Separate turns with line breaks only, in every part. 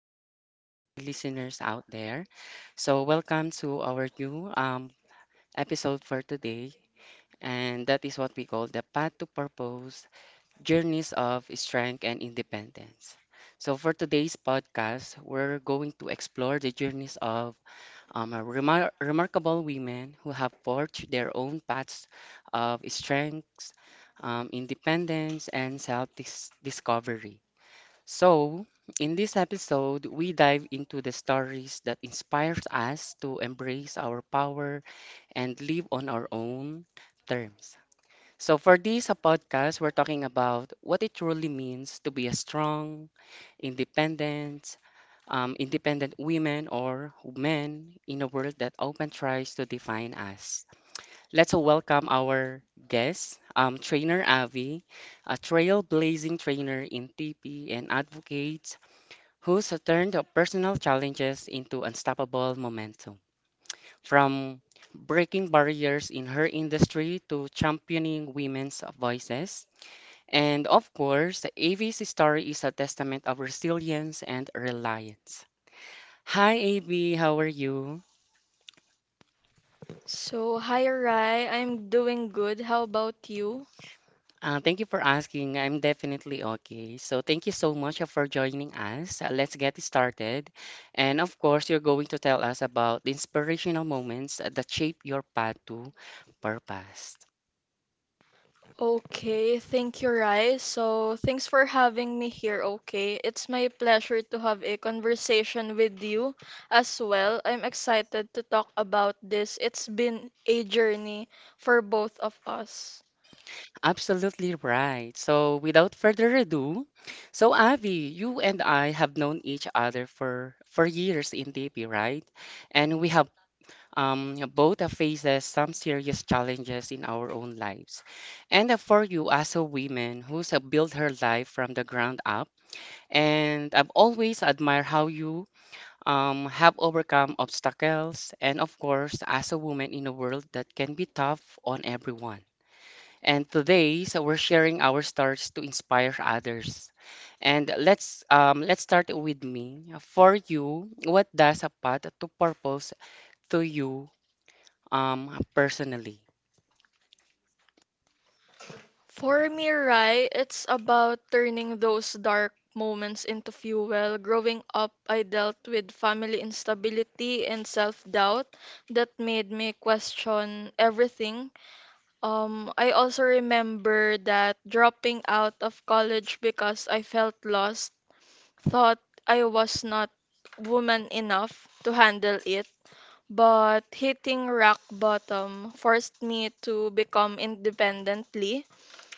everyone, and to our listeners out there. Welcome to our new episode for today, and that is what we call the Path to Purpose Journeys of Strength and Independence. So, for today's podcast, we're going to explore the journeys of a remarkable women who have forged their own paths of strength, independence, and self discovery. So, in this episode, we dive into the stories that inspires us to embrace our power and live on our own terms. So, for this a podcast, we're talking about what it truly means to be a strong, independent, independent women or men in a world that often tries to define us. Let's welcome our guest, trainer Avi, a trailblazing trainer in TP and advocate who's turned personal challenges into unstoppable momentum. From breaking barriers in her industry to championing women's voices. And of course, AV's story is a testament of resilience and reliance. Hi, AV, how are you?
So, hi Rai, I'm doing good. How about you?
Thank you for asking. I'm definitely okay. So thank you so much for joining us. Let's get started. And of course, you're going to tell us about the inspirational moments that shape your path to purpose.
Okay, thank you, Rai. So, thanks for having me here, okay? It's my pleasure to have a conversation with you as well. I'm excited to talk about this. It's been a journey for both of us.
Absolutely right. So without further ado, so Avi, you and I have known each other for years in DP, right? And we have both faces some serious challenges in our own lives. And for you as a woman who's built her life from the ground up, and I've always admired how you have overcome obstacles, and of course, as a woman in a world that can be tough on everyone. And today, so we're sharing our stories to inspire others. And let's start with me. For you, what does a path to purpose to you personally.
For me, Rai, it's about turning those dark moments into fuel. Growing up, I dealt with family instability and self-doubt that made me question everything. I also remember that dropping out of college because I felt lost, thought I was not woman enough to handle it. But hitting rock bottom forced me to become independently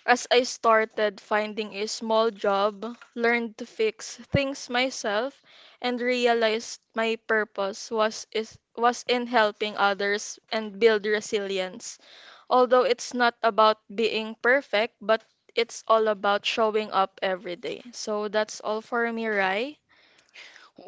as I started finding a small job, learned to fix things myself, and realized my purpose was in helping others and build resilience. Although it's not about being perfect, but it's all about showing up every day. So that's all for me, Rai.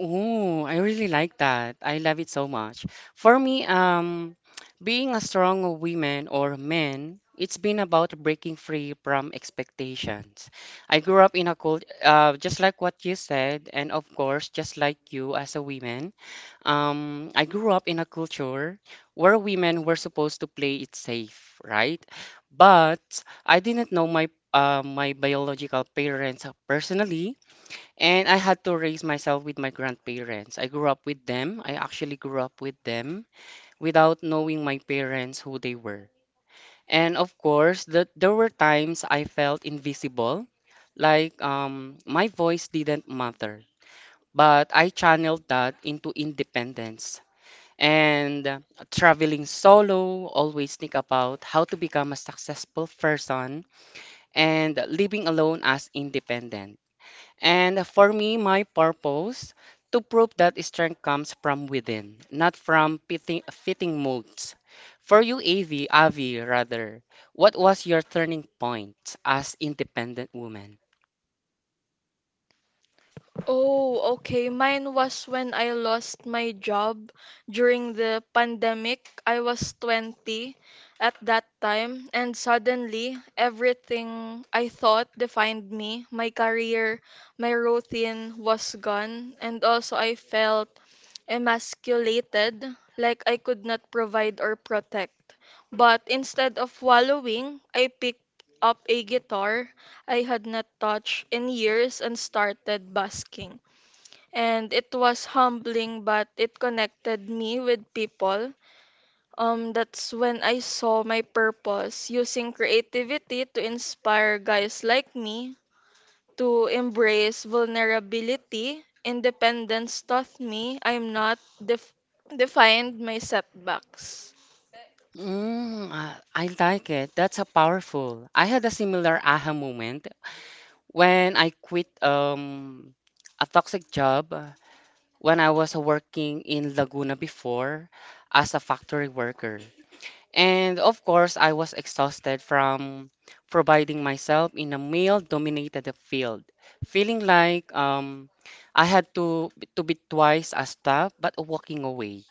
Ooh, I really like that. I love it so much. For me, being a strong woman or man, it's been about breaking free from expectations. I grew up in a cult just like what you said, and of course, just like you as a woman. I grew up in a culture where women were supposed to play it safe, right? But I didn't know my biological parents personally. And I had to raise myself with my grandparents. I grew up with them. I actually grew up with them without knowing my parents who they were. And of course, that there were times I felt invisible, like my voice didn't matter. But I channeled that into independence and traveling solo, always think about how to become a successful person and living alone as independent. And for me, my purpose to prove that strength comes from within, not from fitting molds. For you, Avi, rather, what was your turning point as independent woman?
Oh, okay. Mine was when I lost my job during the pandemic. I was 20 at that time, and suddenly everything I thought defined me, my career, my routine was gone, and also I felt emasculated, like I could not provide or protect. But instead of wallowing, I picked up a guitar I had not touched in years and started basking. And it was humbling, but it connected me with people. That's when I saw my purpose using creativity to inspire guys like me to embrace vulnerability. Independence taught me I'm not def- defined my setbacks.
Mm, I like it. That's a powerful. I had a similar aha moment when I quit a toxic job when I was working in Laguna before as a factory worker. And of course, I was exhausted from providing myself in a male dominated field, feeling like I had to be twice as tough, but walking away.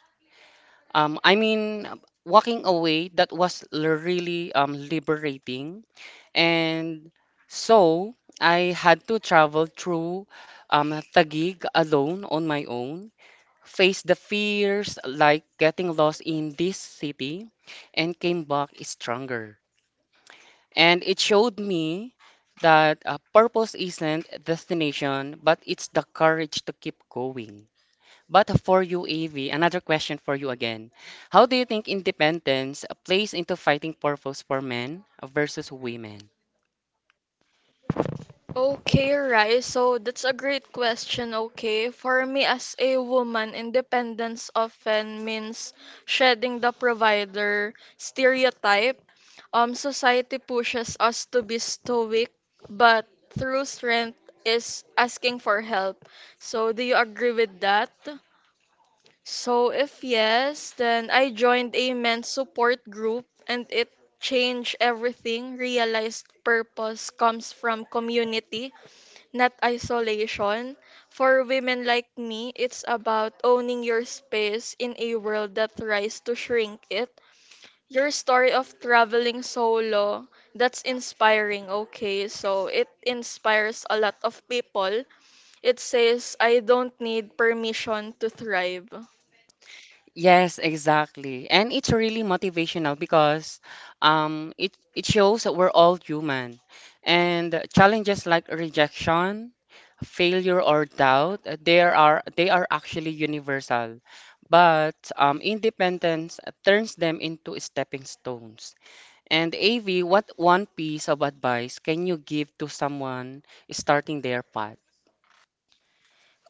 Um, I mean, walking away, that was really liberating. And so I had to travel through Taguig alone on my own faced the fears like getting lost in this city and came back stronger. And it showed me that purpose isn't a destination, but it's the courage to keep going. But for you, AV, another question for you again. How do you think independence plays into fighting purpose for men versus women?
Okay, right. So that's a great question. Okay. For me, as a woman, independence often means shedding the provider stereotype. Society pushes us to be stoic, but through strength is asking for help. So, do you agree with that? So, if yes, then I joined a men's support group and it changed everything. Realized purpose comes from community not isolation. For women like me, it's about owning your space in a world that tries to shrink it. Your story of traveling solo, that's inspiring, okay? So it inspires a lot of people. It says, I don't need permission to thrive.
Yes, exactly. And it's really motivational because it shows that we're all human. And challenges like rejection, failure, or doubt, they are actually universal. But independence turns them into stepping stones. And AV, what one piece of advice can you give to someone starting their path?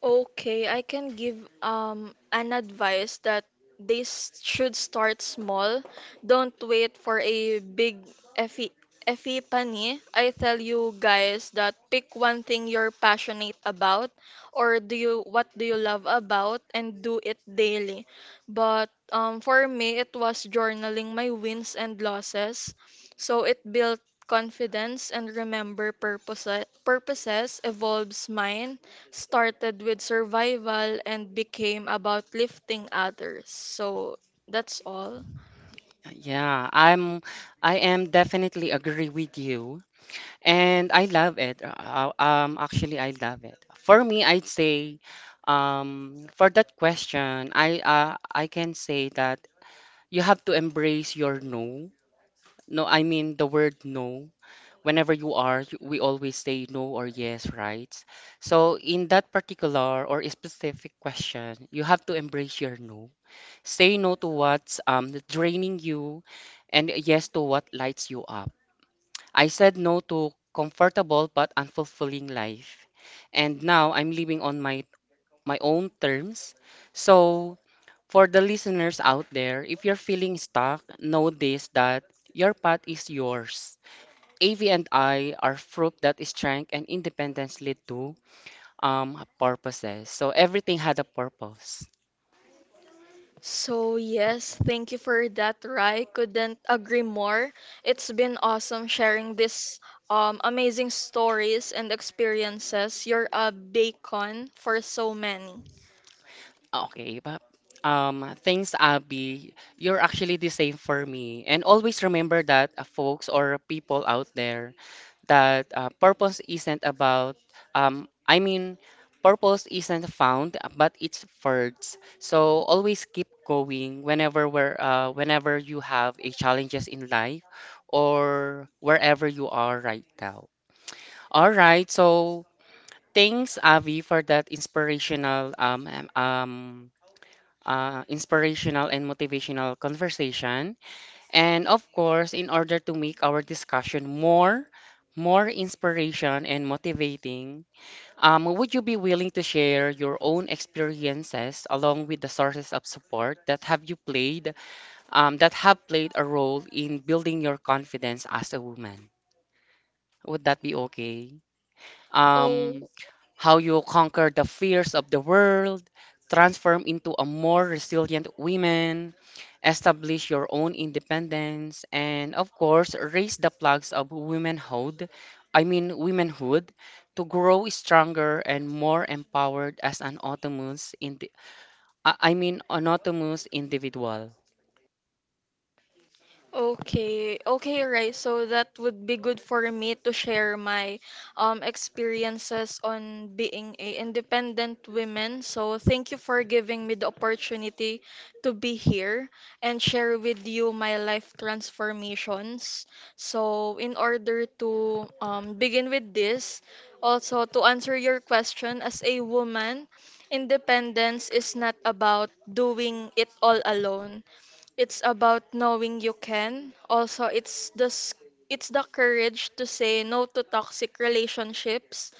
Okay, I can give an advice that should start small. Don't wait for a big epi epiphany. I tell you guys that pick one thing you're passionate about or do you love about and do it daily. But for me it was journaling my wins and losses. So it built confidence and remember purpose purposes evolves, mine started with survival and became about lifting others. So that's all.
Yeah, I am definitely agree with you. And I love it. I love it. For me, I'd say, for that question, I can say that you have to embrace your no. No, I mean the word no. Whenever you are, you- we always say no or yes, right? So in that particular or a specific question, you have to embrace your no. Say no to what's draining you, and yes to what lights you up. I said no to comfortable but unfulfilling life. And now I'm living on my own terms. So for the listeners out there, if you're feeling stuck, know this that your path is yours. AV and I are proof that strength and independence lead to purposes. So everything had a purpose.
So yes, thank you for that, Rai. Couldn't agree more. It's been awesome sharing this amazing stories and experiences. You're a beacon for so many.
Okay, but thanks, Abby. You're actually the same for me. And always remember that folks or people out there, that purpose isn't about, I mean, purpose isn't found, but it's forged. So always keep going whenever you have a challenges in life or wherever you are right now. All right, so thanks, Avi, for that inspirational and motivational conversation. And of course, in order to make our discussion more inspiration and motivating, would you be willing to share your own experiences along with the sources of support that have played a role in building your confidence as a woman? Would that be okay? Um,
Oh,
how you conquer the fears of the world, transform into a more resilient woman, establish your own independence, and of course, raise the flags of womanhood, I mean womanhood, to grow stronger and more empowered as an autonomous, autonomous individual.
okay, okay, right. So that would be good for me to share my experiences on being a independent woman. So thank you for giving me the opportunity to be here and share with you my life transformations. So in order to begin with this, also to answer your question as a woman, independence is not about doing it all alone. It's about knowing you can. Also, it's the courage to say no to toxic relationships,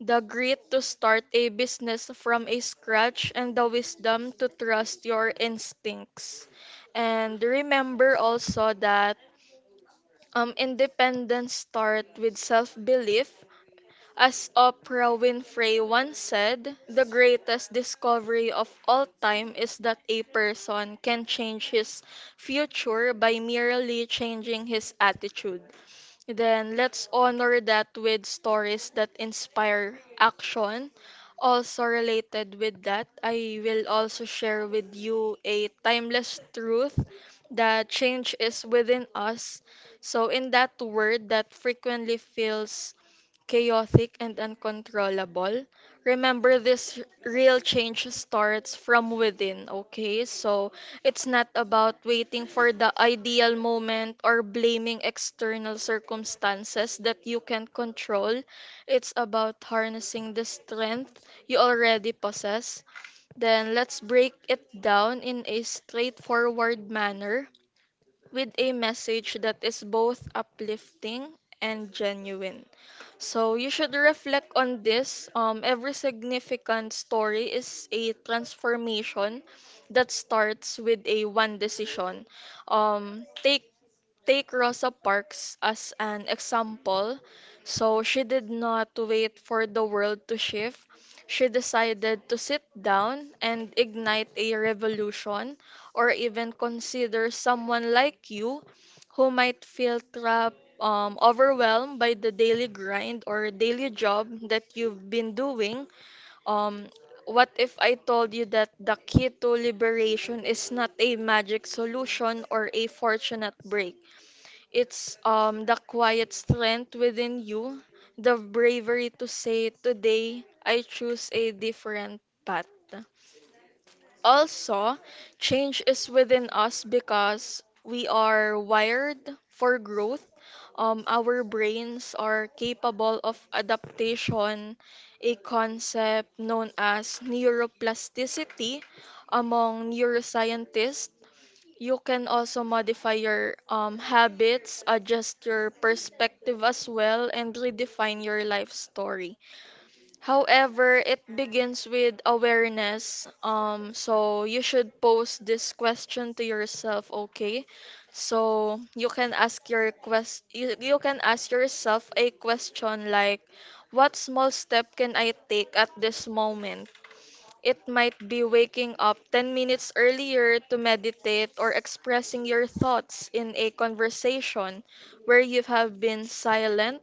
the grit to start a business from a scratch, and the wisdom to trust your instincts. And remember also that independence start with self-belief as Oprah Winfrey once said, the greatest discovery of all time is that a person can change his future by merely changing his attitude. Then let's honor that with stories that inspire action. Also related with that, I will also share with you a timeless truth that change is within us. So in that word that frequently feels chaotic and uncontrollable, remember this real change starts from within, okay? So it's not about waiting for the ideal moment or blaming external circumstances that you can control. It's about harnessing the strength you already possess. Then let's break it down in a straightforward manner with a message that is both uplifting and genuine. So you should reflect on this. Every significant story is a transformation that starts with a one decision. Um, take take Rosa Parks as an example. So she did not wait for the world to shift. She decided to sit down and ignite a revolution, or even consider someone like you who might feel trapped, overwhelmed by the daily grind or daily job that you've been doing. Um, what if I told you that the key to liberation is not a magic solution or a fortunate break? It's the quiet strength within you, the bravery to say today I choose a different path. Also, change is within us because we are wired for growth. Our brains are capable of adaptation, a concept known as neuroplasticity among neuroscientists. You can also modify your habits, adjust your perspective as well, and redefine your life story. However, it begins with awareness. So you should pose this question to yourself, okay? So you can ask your quest you, you can ask yourself a question like what small step can I take at this moment? It might be waking up 10 minutes earlier to meditate or expressing your thoughts in a conversation where you have been silent.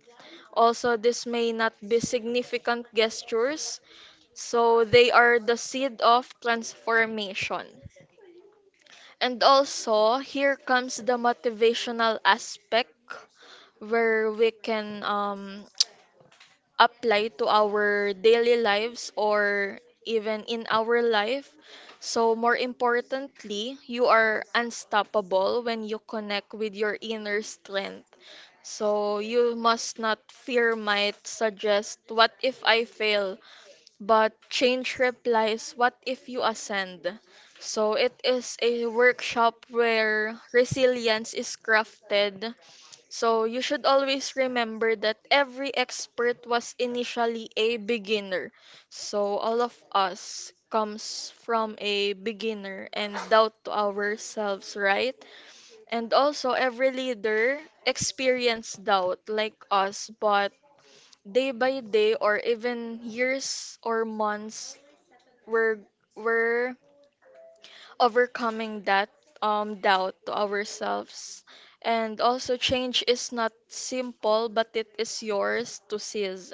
Also, this may not be significant gestures, so they are the seed of transformation. And also, here comes the motivational aspect where we can apply to our daily lives or even in our life. So, more importantly, you are unstoppable when you connect with your inner strength. So, you must not fear might suggest, what if I fail? But change replies, what if you ascend? So it is a workshop where resilience is crafted. So you should always remember that every expert was initially a beginner. So all of us comes from a beginner and doubt to ourselves, right? And also every leader experienced doubt like us, but day by day or even years or months we're we're overcoming that doubt to ourselves, and also change is not simple but it is yours to seize.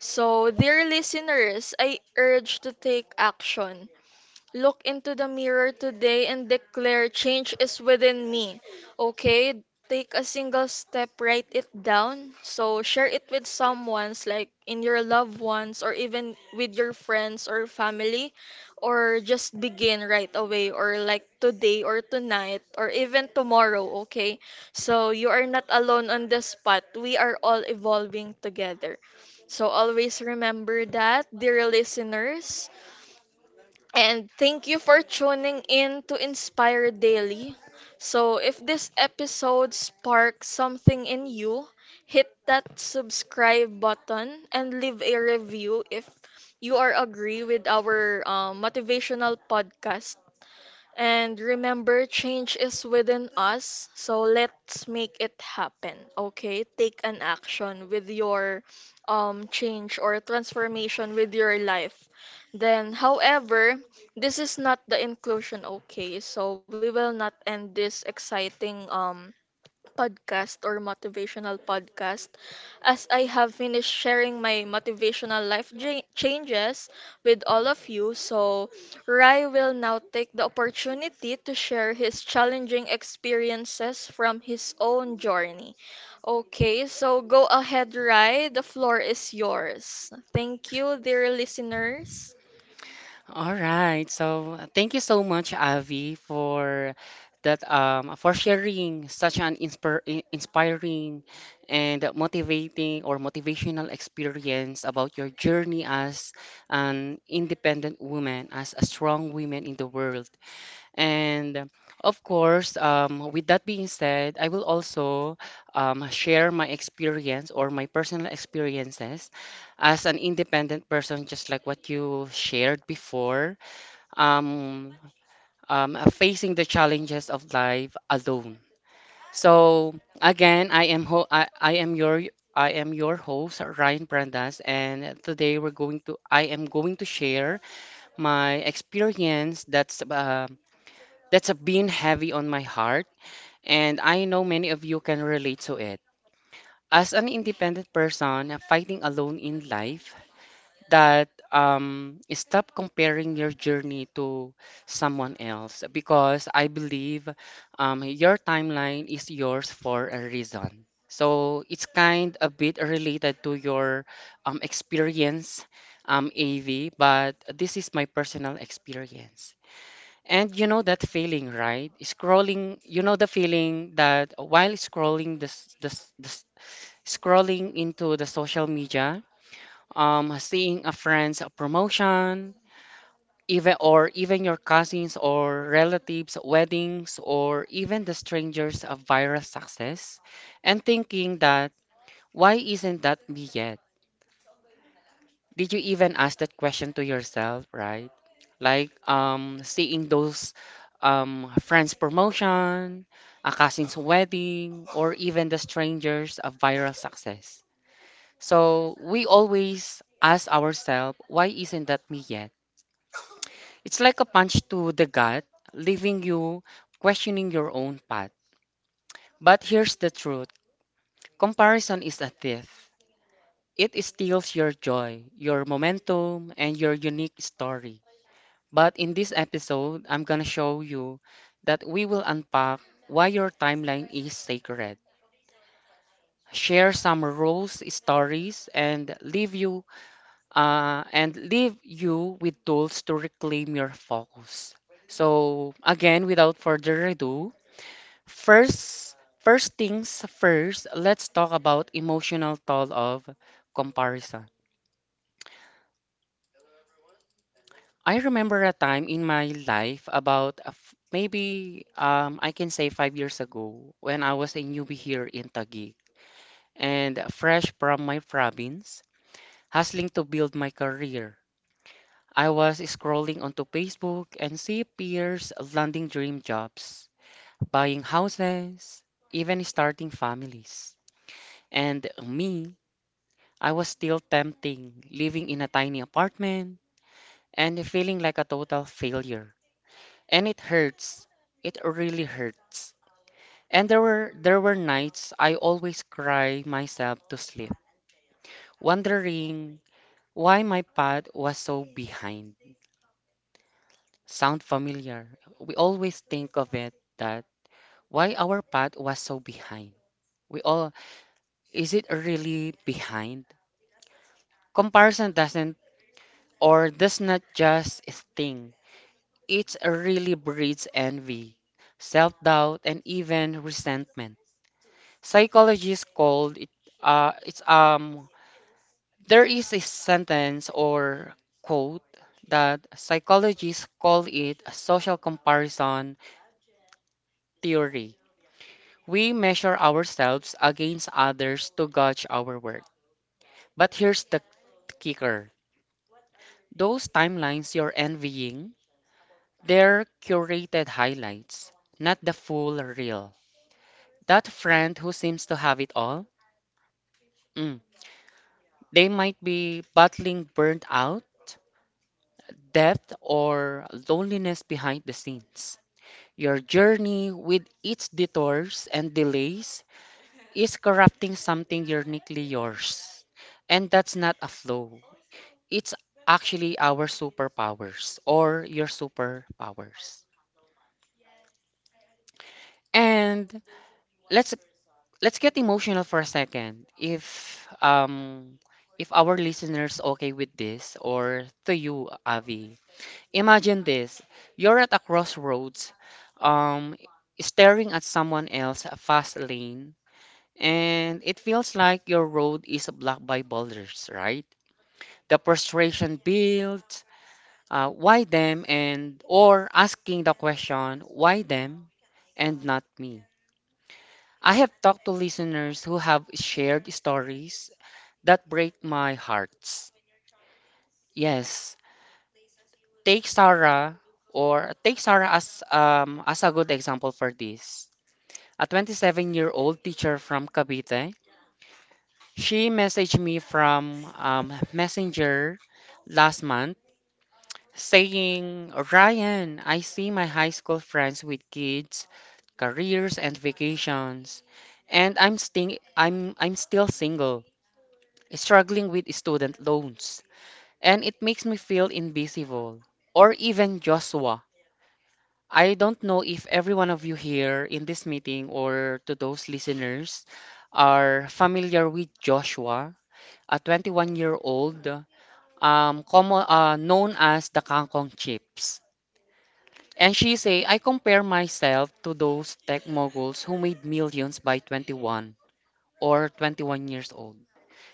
So dear listeners, I urge to take action. Look into the mirror today and declare change is within me. Okay? Take a single step, write it down. So share it with someone's like in your loved ones or even with your friends or family, or just begin right away or like today or tonight or even tomorrow, okay? So you are not alone on this path. We are all evolving together. So always remember that, dear listeners. And thank you for tuning in to Inspire Daily. So, if this episode sparks something in you, hit that subscribe button and leave a review if you are agree with our motivational podcast and remember, change is within us, so let's make it happen. Okay? Take an action with your change or transformation with your life. Then, however, this is not the inclusion, okay? So we will not end this exciting podcast or motivational podcast as I have finished sharing my changes with all of you. So, Rai will now take the opportunity to share his challenging experiences from his own journey. Okay, so go ahead, Rai. The floor is yours. Thank you, dear listeners.
All right. So thank you so much, Avi, for that for sharing such an inspiring and motivating or motivational experience about your journey as an independent woman, as a strong woman in the world. And of course, with that being said, I will also share my experience or my personal experiences as an independent person, just like what you shared before, um, facing the challenges of life alone. So again, I am ho- I am your host Ryan Brandas, and today we're going to I am going to share my experience that's have been heavy on my heart, and I know many of you can relate to it. As an independent person fighting alone in life, that stop comparing your journey to someone else because I believe your timeline is yours for a reason. So it's kind a bit related to your experience, AV, but this is my personal experience. And you know that feeling, right? Scrolling, you know the feeling that while scrolling this this, this scrolling into the social media, seeing a friend's promotion, even your cousins or relatives' weddings, or even the strangers' viral success, and thinking that why isn't that me yet? Did you even ask that question to yourself, right? Like seeing those friends promotion, a cousin's wedding, or even the strangers of viral success. So we always ask ourselves, why isn't that me yet? It's like a punch to the gut, leaving you questioning your own path. But here's the truth. Comparison is a thief. It steals your joy, your momentum, and your unique story. But in this episode, I'm gonna show you that we will unpack why your timeline is sacred, share some rules, stories, and leave you with tools to reclaim your focus. So again, without further ado, first first things first, let's talk about emotional toll of comparison. I remember a time in my life about a f- maybe I can say 5 years ago when I was a newbie here in Taguig and fresh from my province, hustling to build my career. I was scrolling onto Facebook and see peers landing dream jobs, buying houses, even starting families. And me, I was still tempting, living in a tiny apartment and feeling like a total failure. And it hurts. It really hurts. And there were nights I always cry myself to sleep, wondering why my path was so behind. Sound familiar? We always think of it that why our path was so behind. We all is it really behind? Comparison doesn't or does not just sting. It really breeds envy, self doubt, and even resentment. Psychologists called it it's there is a sentence or quote that psychologists call it a social comparison theory. We measure ourselves against others to gauge our worth. But here's the kicker. Those timelines you're envying, they're curated highlights, not the full reel. That friend who seems to have it all, mm, they might be battling burnt out depth or loneliness behind the scenes. Your journey with its detours and delays is corrupting something uniquely yours. And that's not a flaw. It's actually our superpowers or your superpowers. And let's let's get emotional for a second. If if our listeners okay with this or to you, Avi, imagine this. You're at a crossroads, um, staring at someone else a fast lane, and it feels like your road is blocked by boulders, right? The frustration builds, why them and or asking the question, why them and not me? I have talked to listeners who have shared stories that break my hearts. Yes, take Sarah take Sarah as as a good example for this. A 27-year-old teacher from Cavite. She messaged me from Messenger last month saying, "Ryan, I see my high school friends with kids, careers and vacations, and I'm sting I'm still single, struggling with student loans, and it makes me feel invisible." Or even Joshua. I don't know if every one of you here in this meeting or to those listeners are familiar with Joshua, a 21-year-old common, known as the Kangkong Chips. And she say, I compare myself to those tech moguls who made millions by 21 or 21 years old.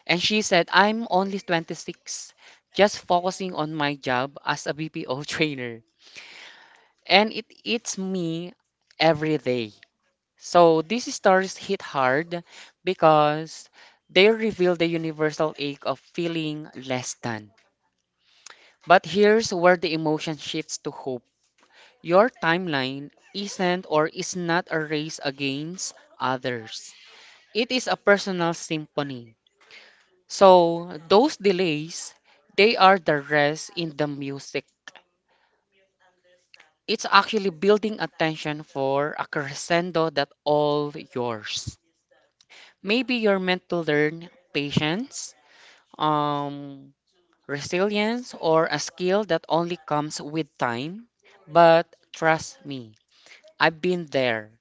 And she said, I'm only 26, just focusing on my job as a BPO trainer. And it eats me every day. So these stories hit hard because they reveal the universal ache of feeling less than. But here's where the emotion shifts to hope. Your timeline isn't or is not a race against others. It is a personal symphony. So those delays, they are the rest in the music. It's actually building attention for a crescendo that all yours. Maybe you're meant to learn patience. Um, resilience or a skill that only comes with time. But trust me, I've been there.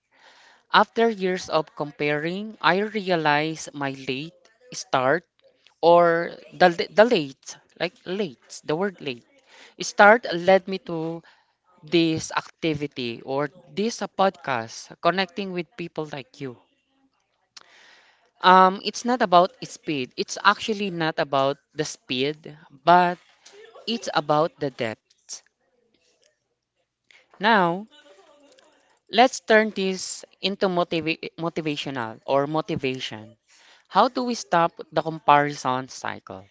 After years of comparing, I realized my late start or the word late, start led me to this activity or this podcast, connecting with people like you. It's not about speed. It's actually not about the speed, but it's about the depth. Now, let's turn this into motivational or motivation. How do we stop the comparison cycle?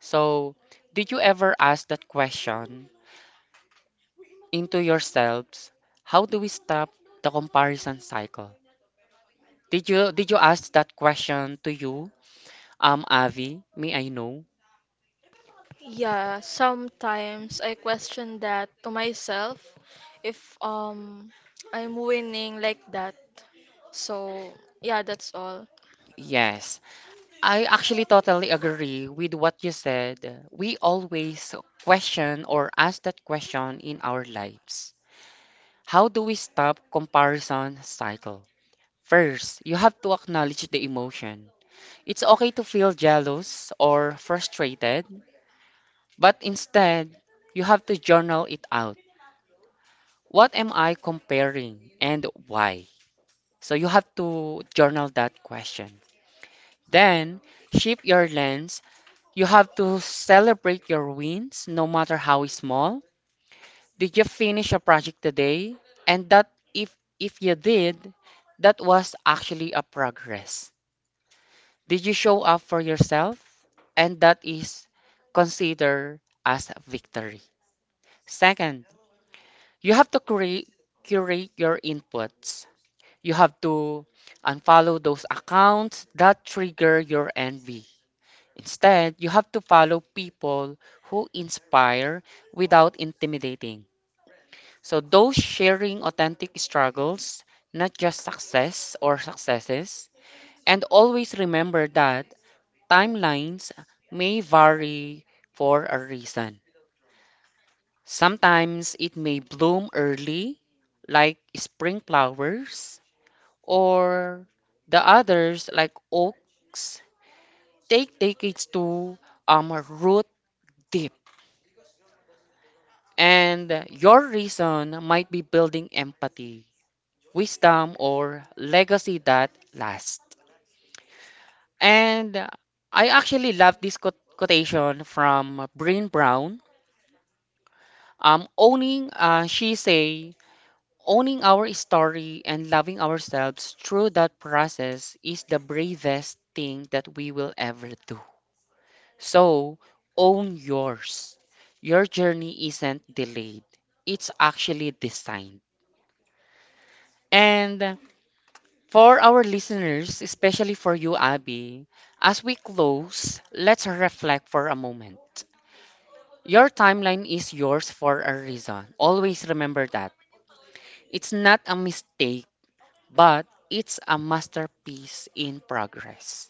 So, did you ever ask that question into yourselves? How do we stop the comparison cycle? Did you ask that question to you? Avi, may I know?
Yeah, sometimes I question that to myself if I'm winning like that. So, yeah, that's all.
Yes. I actually totally agree with what you said. We always question or ask that question in our lives. How do we stop comparison cycle? First, you have to acknowledge the emotion. It's okay to feel jealous or frustrated, but instead, you have to journal it out. What am I comparing and why? So you have to journal that question. Then, shift your lens. You have to celebrate your wins, no matter how small. Did you finish a project today? And that if you did, that was actually a progress. Did you show up for yourself? And that is considered as a victory. Second, you have to create curate your inputs. You have to unfollow those accounts that trigger your envy. Instead, you have to follow people who inspire without intimidating. So, those sharing authentic struggles, not just success or successes. And always remember that timelines may vary for a reason. Sometimes it may bloom early, like spring flowers, or the others, like oaks, take decades to root deep. And your reason might be building empathy, wisdom, or legacy that lasts. And I actually love this quotation from Brene Brown. She say, owning our story and loving ourselves through that process is the bravest thing that we will ever do. So own yours. Your journey isn't delayed. It's actually designed. And for our listeners, especially for you, Abby, as we close, let's reflect for a moment. Your timeline is yours for a reason. Always remember that. It's not a mistake, but it's a masterpiece in progress.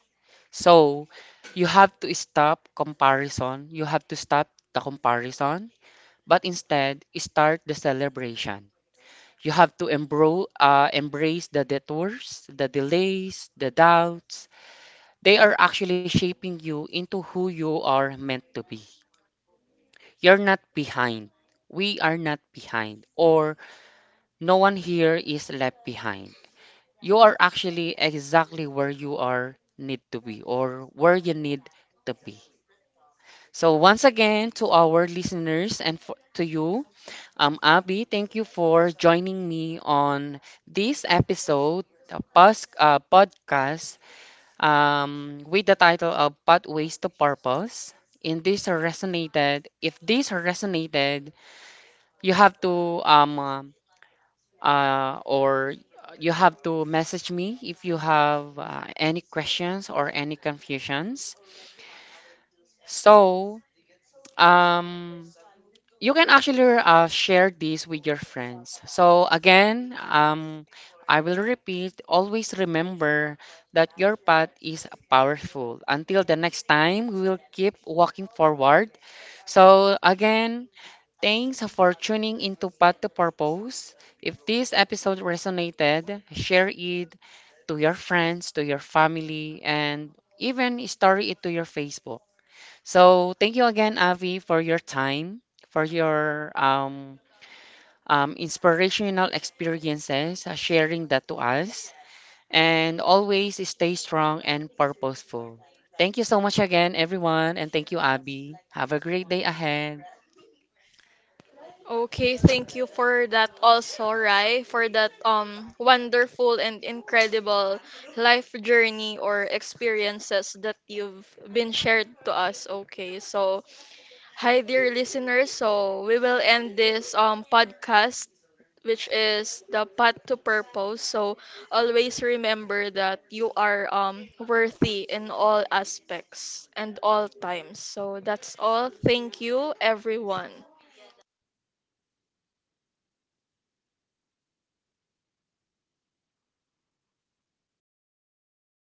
So, you have to stop comparison. You have to stop the comparison, but instead, start the celebration. You have to embrace the detours, the delays, the doubts. They are actually shaping you into who you are meant to be. You're not behind. We are not behind. Or no one here is left behind. You are actually exactly where you are need to be or where you need to be. So once again to our listeners and for, to you, Abby, thank you for joining me on this episode, the podcast with the title of Pathways to Purpose. In this resonated, if this resonated, you have to or you have to message me if you have any questions or any confusions. So um You can actually share this with your friends. So again, I will repeat, always remember that your path is powerful. Until the next time, we will keep walking forward. So again, thanks for tuning into Path to Purpose. If this episode resonated, share it to your friends, to your family, and even story it to your Facebook. So thank you again, Avi, for your time, for your inspirational experiences, sharing that to us, and always stay strong and purposeful. Thank you so much again, everyone, and thank you, Abby. Have a great day ahead.
Okay, thank you for that also, Rai, for that wonderful and incredible life journey or experiences that you've been shared to us. Okay. So, hi, dear listeners. So we will end this podcast, which is the path to purpose. So always remember that you are worthy in all aspects and all times. So that's all. Thank you, everyone.